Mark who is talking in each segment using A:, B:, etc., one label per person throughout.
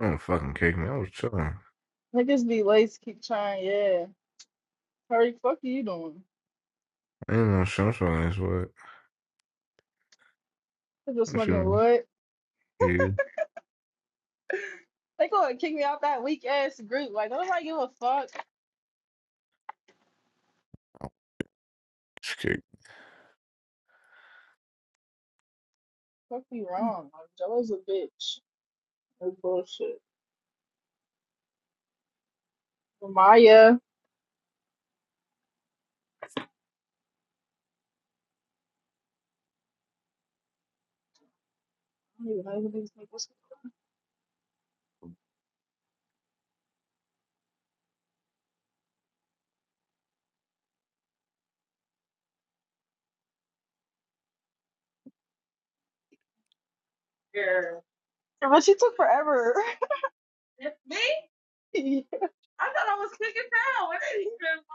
A: I didn't fucking kick me. I was chilling.
B: Niggas be lace, keep trying, yeah. Hurry, fuck you doing?
A: I ain't no shit. I'm sorry. what.
B: They're just
A: you
B: smoking a
A: mean?
B: wood.
A: Yeah.
B: They gonna kick me out that weak ass group. Like, don't nobody give a fuck.
A: Just kick
B: Fuck you wrong. Like, Jello's a bitch. That's bullshit. Maya. I don't even know who these niggas are. Yeah, But she took forever. It's me? yeah. I thought I was kicking down. What did you do?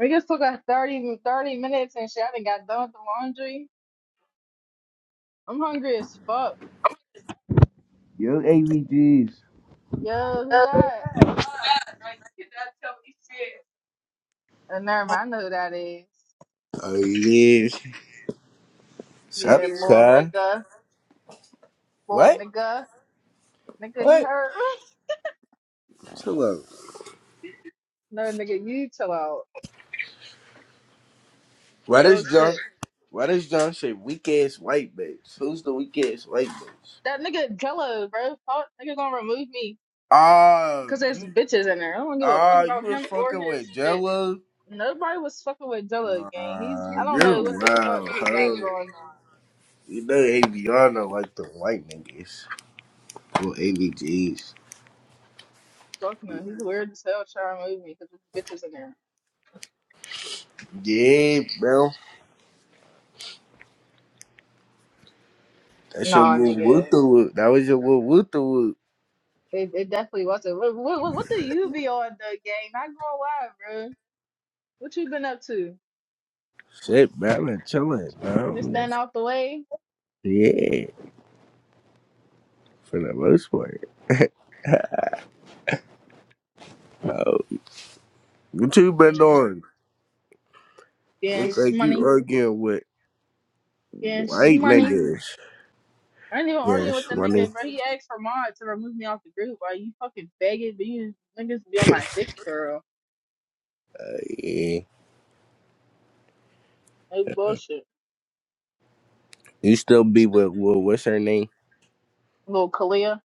B: We just took like 30 30 minutes and shit. I done got done with the laundry. I'm hungry as fuck.
C: Yo, AVGs.
B: Yo, who that? Uh, never mind, I know who that is.
C: Oh yeah. Sup,
B: Yeah, little
C: car?
B: nigga, little
C: What?
B: nigga, nigga, you
C: What?
B: heard?
C: Chill out.
B: no, nigga, you chill out.
C: Why does
B: Real
C: John?
B: shit.
C: Why does John say weak ass white bitch? Who's the weak ass white bitch?
B: That nigga Jello, bro. Fuck, nigga gonna remove me
C: Ah,
B: because there's
C: you.
B: bitches in there. I don't give a fuck
C: Ah, you
B: about
C: was
B: him or
C: fucking with
B: his bitch.
C: Jello.
B: Nobody was fucking with Jello gang. He's
C: Nah,
B: I don't
C: you're
B: know what the fuck
C: wild,
B: he got
C: huh?
B: going on.
C: You know AVR not like the white niggas or AVGs.
B: Fuck no, he's weird as hell trying to remove me because there's bitches in there.
C: Yeah, bro. That's your
B: Nah,
C: little woot
B: nigga.
C: the woot. That was your little woot the woot.
B: It, it definitely wasn't. What, what, what do you be on the game? Not gonna lie, bro. What you been up to?
C: Shit, man. I've been chilling,
B: You just
C: bro.
B: stand out the way
C: Yeah, for the most part. Oh, what you been
B: and
C: doing?
B: getting
C: Look like you
B: shmoney,
C: arguing with
B: getting
C: white
B: shmoney.
C: niggas.
B: I ain't even arguing
C: Yes,
B: with the
C: money.
B: nigga, bro. He asked for mod to remove me off the group. Why you fucking faggot? But you niggas be on my dick, girl.
C: Uh, yeah.
B: No bullshit.
C: You still be with, with what's her name?
B: Little Kalia.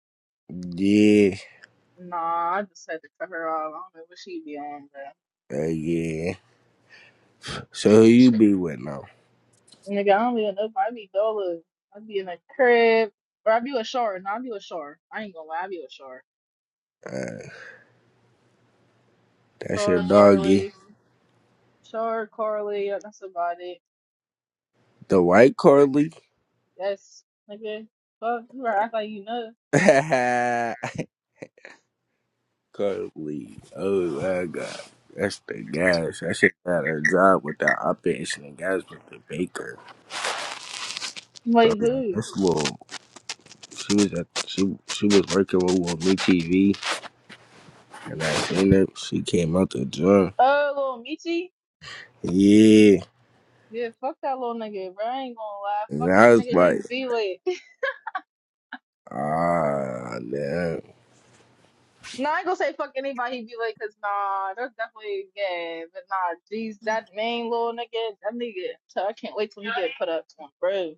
C: Yeah.
B: Nah, I just had to cut her off. I don't know what she be on, bro.
C: Uh, yeah. So who you
B: Shit.
C: be with now?
B: Nigga, I don't even know if I be dollar. I be in a crib. Or I be with Shar. No, I be with Shar. I ain't gonna lie, I be with Shar.
C: Uh, that's
B: Char
C: your doggy.
B: Carly. Char Carly. uh, That's about it.
C: The white Carly?
B: That's nigga. Fuck, you better act like you know.
C: Carly. Oh my god. That's the gas. I should got her job with the op and gas with the baker. So
B: Like
C: I'm like,
B: who?
C: this little She was at she she was working with, with me TV, and I seen her. She came out the gym.
B: Oh, little Michi.
C: Yeah,
B: Yeah, fuck that little nigga, bro. I ain't gonna lie.
C: and
B: Fuck
C: I
B: any
C: was
B: nigga he
C: like,
B: be with.
C: ah, damn.
B: Nah, I ain't gonna say fuck anybody he be with, cause nah, that's definitely gay. But nah, geez, that main little nigga, that nigga. So I can't wait till he get put up to him, bro.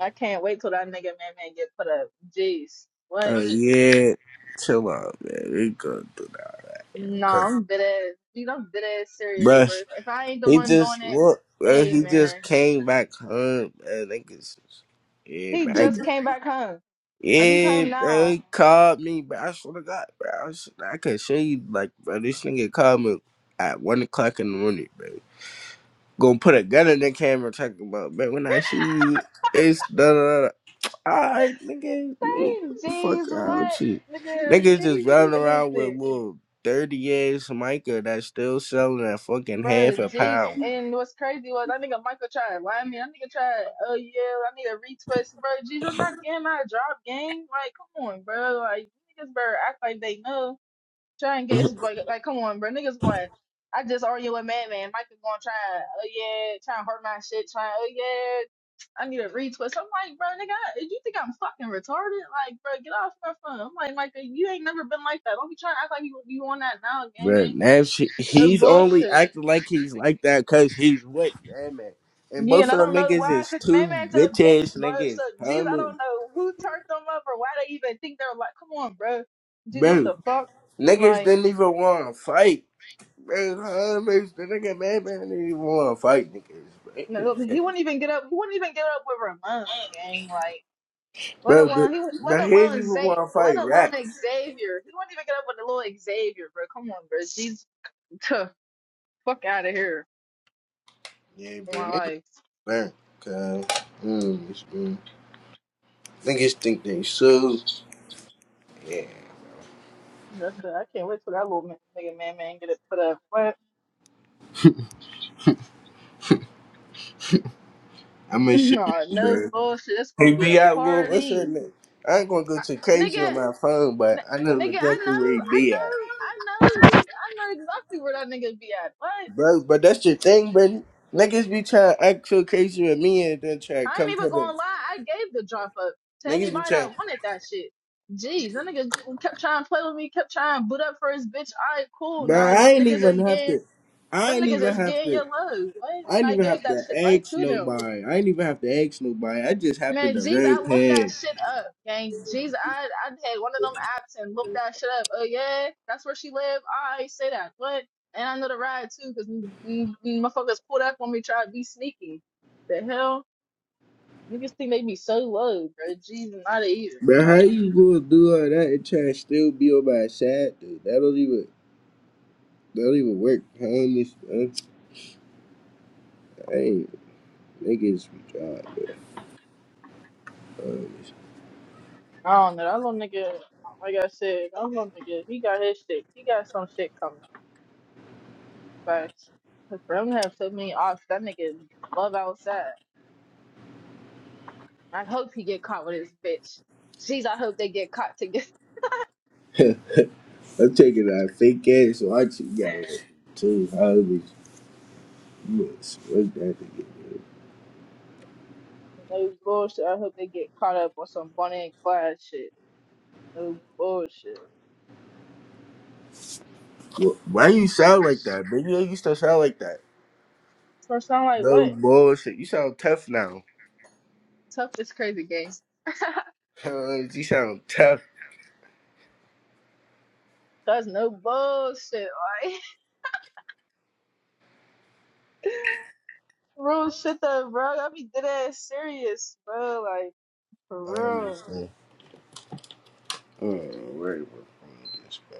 B: I can't wait till that nigga man man get put up. Jeez, what?
C: Oh yeah, chill out, man. We gonna do that,
B: No,
C: cause,
B: I'm dead ass. Dude, I'm dead ass serious, bro.
C: bruh,
B: If I ain't the
C: he
B: one doing
C: just
B: it,
C: look, bruh,
B: hey
C: he just
B: man.
C: came back home, man. They could s- yeah,
B: He
C: man.
B: just came back home. Like he's
C: Yeah,
B: home
C: bro,
B: now.
C: he called me, bro. I swear to God, bro, I, was, I could show you, like, bro, this nigga called me at one o'clock in the morning, bro. Gonna put a gun in the camera talking about, man, when I shoot, it's da da da. Alright, nigga, you
B: Hey,
C: fuck
B: jeez, what?
C: out you.
B: Nigga,
C: Niggas just
B: he's
C: running
B: and he
C: around with
B: said,
C: little 30 ass Micah that's still selling at fucking
B: bro,
C: half a
B: jeez.
C: pound.
B: And what's crazy was that nigga Michael tried. Why I mean, that nigga tried, oh yeah, I need a retwist, bro. Jeez, you're not getting out of job game. Like, come on, bro. Like niggas better act like they know. Try and get it's like, like come on, bro. Niggas going. I just argue with Madman. Michael going to try and oh yeah, try and hurt my shit. Trying oh yeah, I need a retwist. I'm like, bro, nigga, I- you think I'm fucking retarded? Like, bro, get off my phone. I'm like, Michael, you ain't never been like that. Don't be trying to act like you you on that now, gang.
C: Bruh, that shit,
B: No
C: he's only
B: bullshit.
C: acting like he's like that cause he's what, damn it. And
B: Yeah,
C: both
B: and
C: of
B: I
C: them
B: don't know
C: niggas
B: why,
C: is
B: cause
C: two
B: Madman's a
C: bitch ass
B: bitch, bro.
C: niggas,
B: So, jeez, I
C: homie.
B: don't know who turned them up or why they even think they're like, come on, bro. Jeez, what
C: Bro,
B: the fuck?
C: niggas
B: Like.
C: didn't even wanna fight. Man, how makes the nigga mad, man? They even want to fight
B: No,
C: niggas.
B: he wouldn't even get up. He wouldn't even get up with Ramon, gang. Like, let
C: Bro, but,
B: alone he, would- let
C: but he didn't
B: alone
C: even
B: Zay,
C: want to
B: let
C: fight
B: alone
C: racks.
B: Xavier. He wouldn't even get up with the little Xavier, bro. Come on, bro. She's tough. Fuck out of here.
C: Yeah,
B: For
C: but
B: my
C: niggas
B: life.
C: learn. Cause, mm, it's- mm. Niggas think they so. Yeah.
B: That's it. I can't wait till that little man, nigga man man get it put up. What?
C: I'm in shit,
B: No, no
C: bro.
B: bullshit. It's
C: Hey,
B: gonna be a
C: B, I will. What's your
B: party,
C: name? I ain't gonna go
B: I,
C: too crazy
B: nigga.
C: on my phone, but
B: N-
C: I know
B: nigga, I
C: exactly
B: know,
C: where he
B: I
C: be at.
B: know, I know. He, I know exactly where that nigga be at. What?
C: Bro, but that's the thing, bro. Niggas be trying to act so crazy with me and then try to
B: I ain't
C: come to
B: even
C: the.
B: gonna lie, I gave the drop up to
C: Niggas be
B: anybody
C: trying.
B: that wanted that shit. Jeez, that nigga kept trying to play with me, kept trying to boot up for his bitch. Alright, cool.
C: But
B: Now
C: I
B: them
C: ain't
B: niggas
C: even
B: is
C: have
B: getting
C: to. I
B: them
C: ain't
B: niggas
C: even
B: is
C: have
B: getting
C: to.
B: your love. What?
C: I
B: And
C: ain't
B: I
C: even
B: gave
C: have
B: that
C: to
B: shit right
C: ask
B: to them.
C: nobody. I ain't even have to ask nobody. I just happened
B: Man,
C: to
B: jeez,
C: run
B: I looked that
C: past.
B: shit up, gang. Jeez, I I had one of them apps and looked that shit up. Oh yeah, that's where she live. Alright, say that. What? And I know the ride too, cause mm, mm, motherfuckers pulled up on me, tried to be sneaky. The hell? Niggas think they be so low, bro. Jesus, not even.
C: But how
B: Like,
C: you gonna do all that and try to still be on my side, dude? That don't even. That don't even work. Homeless. I ain't. Niggas be job. man.
B: I don't know. That little nigga, like I said, that little nigga, he got his shit. He got some shit coming. But for him to have so many options, that nigga love outside. I hope he get caught with his bitch. Jeez, I hope they get caught together.
C: I'm taking that fake ass watch you got on too. Homies. Yes. What that nigga? do?
B: No bullshit. I hope they get caught up on some Bonnie and Clyde shit. No bullshit.
C: Wh- Why you sound like that, man? You used to sound like that.
B: First, I'm like,
C: No
B: what?
C: bullshit. You sound tough now.
B: Toughest crazy games.
C: Cuz you sound tough.
B: Cause no bullshit. like, Real shit though, bro. I be dead ass serious, bro. Like for
C: I
B: real.
C: understand. I don't worry about this, man.